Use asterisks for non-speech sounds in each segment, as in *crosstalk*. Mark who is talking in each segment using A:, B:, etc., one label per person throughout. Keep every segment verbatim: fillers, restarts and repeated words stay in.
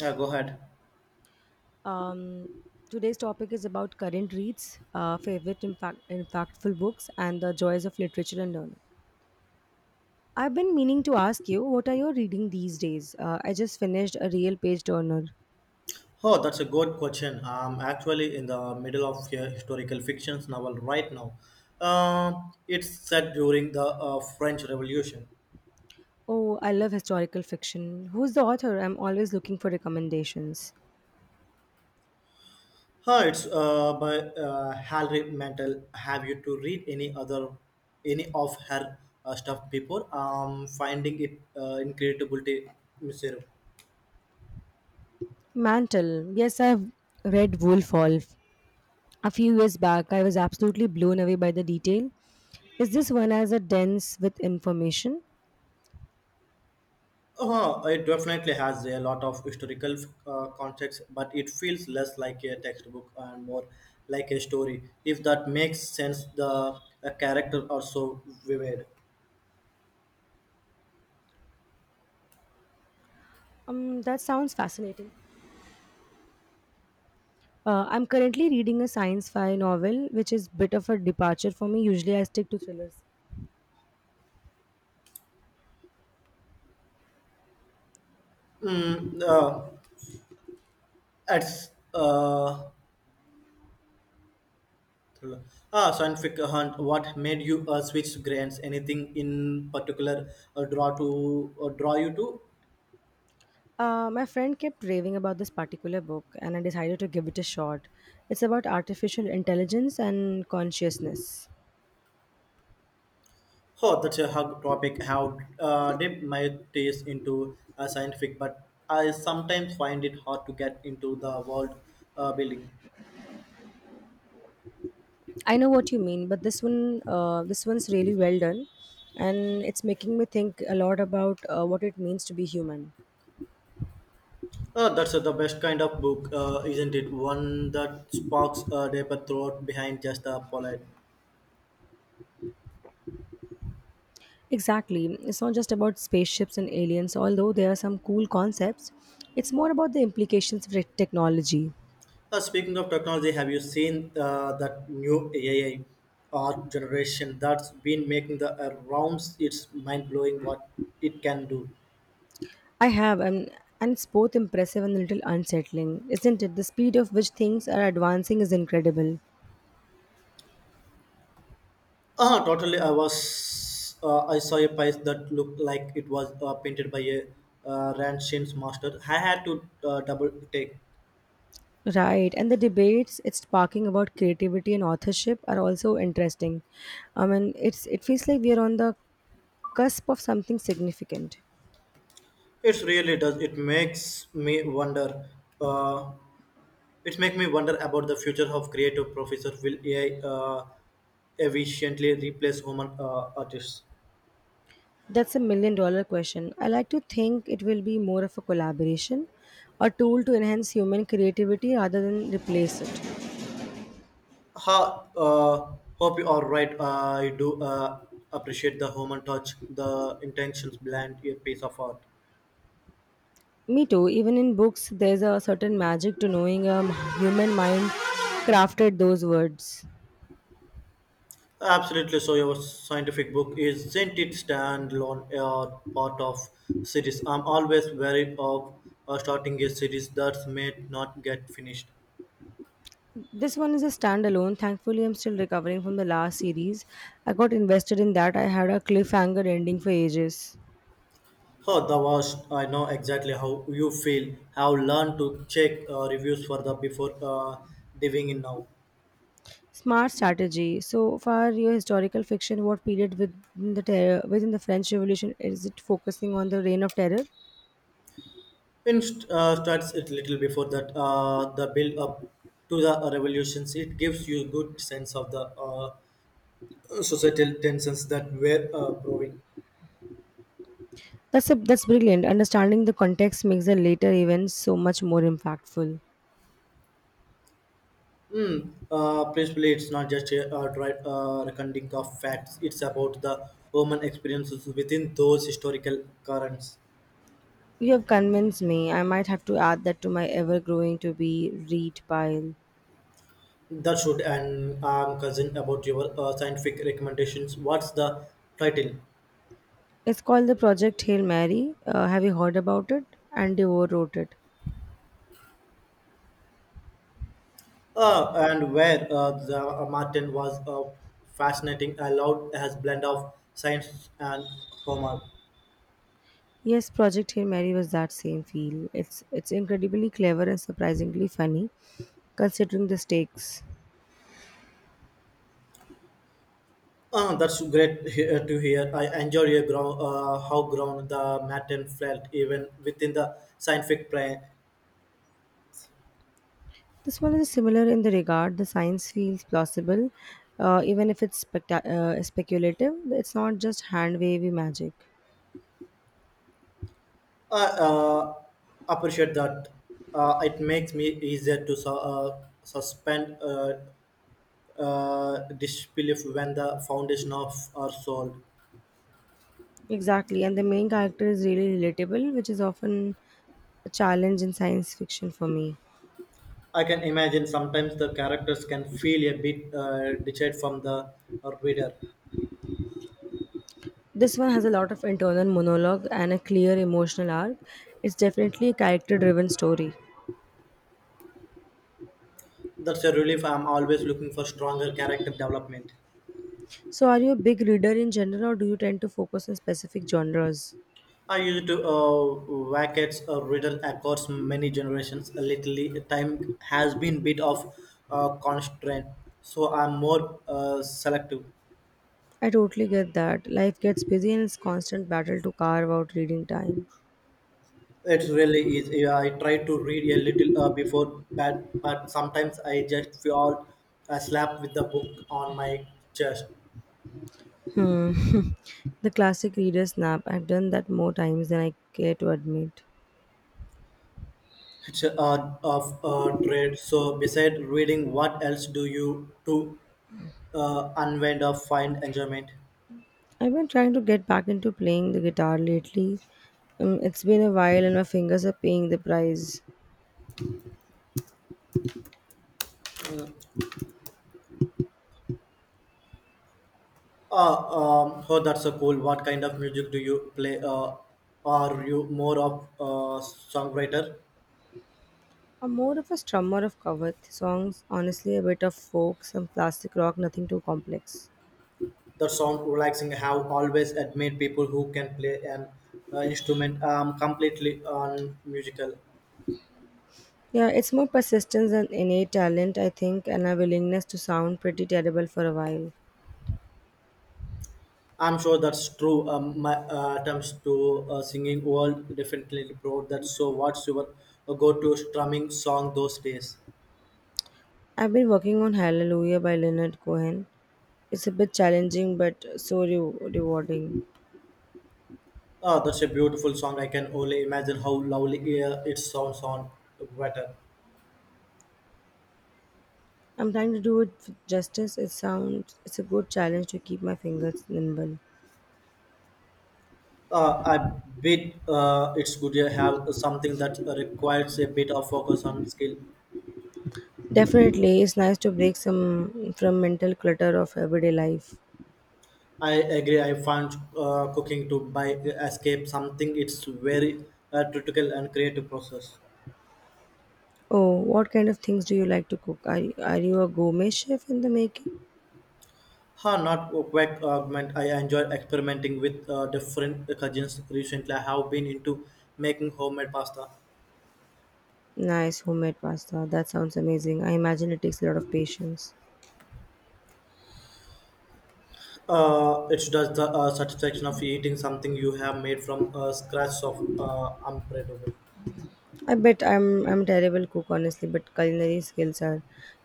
A: Yeah, go ahead.
B: Um, Today's topic is about current reads, uh, favorite impact, impactful books, and the joys of literature and learning. I've been meaning to ask you, what are you reading these days? Uh, I just finished a real page turner.
A: Oh, that's a good question. I'm actually in the middle of a historical fiction novel right now. Um, it's set during the uh, French Revolution.
B: Oh, I love historical fiction. Who's the author? I'm always looking for recommendations.
A: Huh, it's uh, by uh, Hilary Mantel. Have you to read any other any of her uh, stuff before? Um, finding it uh, incredible to myself.
B: Mantle. Yes, I've read Wolf Hall. A few years back, I was absolutely blown away by the detail. Is this one as a dense with information?
A: Oh, it definitely has a lot of historical uh, context, but it feels less like a textbook and more like a story. If that makes sense, the uh, character are so vivid.
B: Um, that sounds fascinating. Uh, I'm currently reading a science-fi novel, which is bit of a departure for me. Usually, I stick to thrillers.
A: Mm, uh, it's uh, thriller. Ah, scientific hunt. What made you uh, switch grants? Anything in particular uh, draw to uh, draw you to?
B: Uh, my friend kept raving about this particular book, and I decided to give it a shot. It's about artificial intelligence and consciousness.
A: Oh, that's a hug topic. How uh, dip my taste into uh, scientific, but I sometimes find it hard to get into the world uh, building.
B: I know what you mean, but this one, uh, this one's really well done, and it's making me think a lot about uh, what it means to be human.
A: Uh, that's uh, the best kind of book, uh, isn't it? One that sparks a deeper thought behind just a polite.
B: Exactly, it's not just about spaceships and aliens, although there are some cool concepts. It's more about the implications of tech- technology.
A: Uh, speaking of technology, have you seen uh, that new A I art generation that's been making the uh, rounds? It's mind blowing what it can do.
B: I have, and, and it's both impressive and a little unsettling, isn't it? The speed of which things are advancing is incredible.
A: Uh, totally. I was. Uh, I saw a piece that looked like it was uh, painted by a uh, Ranshin's master. I had to uh, double take.
B: Right, and the debates it's sparking about creativity and authorship are also interesting. I mean, it's it feels like we are on the cusp of something significant.
A: It really does. It makes me wonder. Uh, it makes me wonder about the future of creative professors. Will A I uh, efficiently replace human uh, artists?
B: That's a million dollar question. I like to think it will be more of a collaboration, a tool to enhance human creativity rather than replace it.
A: Ha, uh, Hope you are right. I do uh, appreciate the human touch, the intentions behind a piece of art.
B: Me too. Even in books, there's a certain magic to knowing a human mind crafted those words.
A: Absolutely. So your scientific book isn't it standalone or part of series? I'm always wary of uh, starting a series that may not get finished.
B: This one is a standalone. Thankfully, I'm still recovering from the last series. I got invested in that. I had a cliffhanger ending for ages.
A: Oh, the worst. I know exactly how you feel. Have learned to check uh, reviews for the before uh, diving in now.
B: Smart strategy. So far, your historical fiction, what period within the terror, within the French Revolution is it focusing on the Reign of Terror?
A: In st- uh, starts it little before that uh, the build up to the revolutions. It gives you good sense of the uh, societal tensions that were uh, brewing.
B: That's a, that's brilliant. Understanding the context makes the later events so much more impactful.
A: Mm. Uh, principally, it's not just a uh, dry uh, recounting of facts. It's about the human experiences within those historical currents.
B: You have convinced me. I might have to add that to my ever growing to be read pile.
A: That should and um, cousin about your uh, scientific recommendations. What's the title?
B: It's called the Project Hail Mary. Uh, have you heard about it? And Devore wrote it.
A: Uh, and where uh, the uh, Martin was uh, fascinating, allowed as blend of science and humor.
B: Yes, Project Hail Mary was that same feel. It's it's incredibly clever and surprisingly funny, considering the stakes.
A: Uh, that's great he- uh, to hear. I enjoy your ground, uh, how ground the Martin felt even within the scientific plane.
B: This one is similar in the regard the science feels plausible, uh, even if it's specta- uh, speculative. It's not just hand wavy magic.
A: I uh, appreciate that. Uh, it makes me easier to su- uh, suspend uh, uh, disbelief when the foundation of are sold.
B: Exactly, and the main character is really relatable, which is often a challenge in science fiction for me.
A: I can imagine sometimes the characters can feel a bit uh, detached from the uh, reader.
B: This one has a lot of internal monologue and a clear emotional arc. It's definitely a character driven story.
A: That's a relief. I'm always looking for stronger character development.
B: So, are you a big reader in general, or do you tend to focus on specific genres?
A: I used to uh, Wackett's uh, riddle across many generations. Lately, time has been bit of uh, constraint, so I'm more uh, selective.
B: I totally get that. Life gets busy and it's constant battle to carve out reading time.
A: It really is. Yeah, I try to read a little uh, before bed, but sometimes I just feel uh, slapped with the book on my chest.
B: Hmm. *laughs* The classic reader snap. I've done that more times than I care to admit.
A: It's a uh, of uh, trade. So, beside reading, what else do you to uh, unwind or find enjoyment?
B: I've been trying to get back into playing the guitar lately. Um, it's been a while and my fingers are paying the price.
A: Uh, um, oh, that's so cool. What kind of music do you play? Uh, are you more of a songwriter?
B: I'm more of a strummer of cover songs, honestly, a bit of folk, some classic rock, nothing too complex.
A: The sound relaxing. Have always admired people who can play an uh, instrument um, completely on musical.
B: Yeah, it's more persistence and innate talent, I think, and a willingness to sound pretty terrible for a while.
A: I'm sure that's true. Um, my uh, attempts to uh, singing world definitely broad that. So, what's your uh, go-to strumming song those days?
B: I've been working on Hallelujah by Leonard Cohen. It's a bit challenging but so re- rewarding.
A: Oh, that's a beautiful song. I can only imagine how lovely uh, it sounds on guitar.
B: I'm trying to do it with justice. It sounds it's a good challenge to keep my fingers nimble.
A: Uh, I bet uh, it's good to have something that requires a bit of focus on skill.
B: Definitely, it's nice to break some from mental clutter of everyday life.
A: I agree. I found uh, cooking to by escape something. It's very uh, critical and creative process.
B: Oh, what kind of things do you like to cook? Are, are you a gourmet chef in the making?
A: Huh, not a quick augment. I enjoy experimenting with uh, different cuisines. Recently, I have been into making homemade pasta.
B: Nice homemade pasta. That sounds amazing. I imagine it takes a lot of patience.
A: Uh, it does the uh, satisfaction of eating something you have made from uh, scratch of uh, unbreadable.
B: I bet I'm I'm a terrible cook honestly, but culinary skills are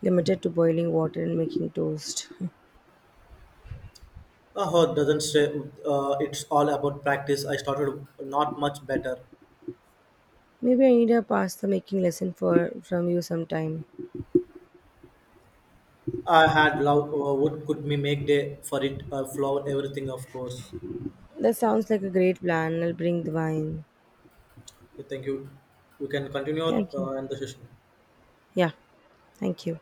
B: limited to boiling water and making toast.
A: Oh, doesn't say uh, it's all about practice. I started not much better.
B: *laughs* Maybe I need a pasta making lesson for from you sometime.
A: I had love. Uh, what could me make day for it? Uh, flower everything, of course.
B: That sounds like a great plan. I'll bring the wine.
A: Okay, thank you. You can continue
B: Thank you.
A: uh, and the session.
B: Yeah, thank you.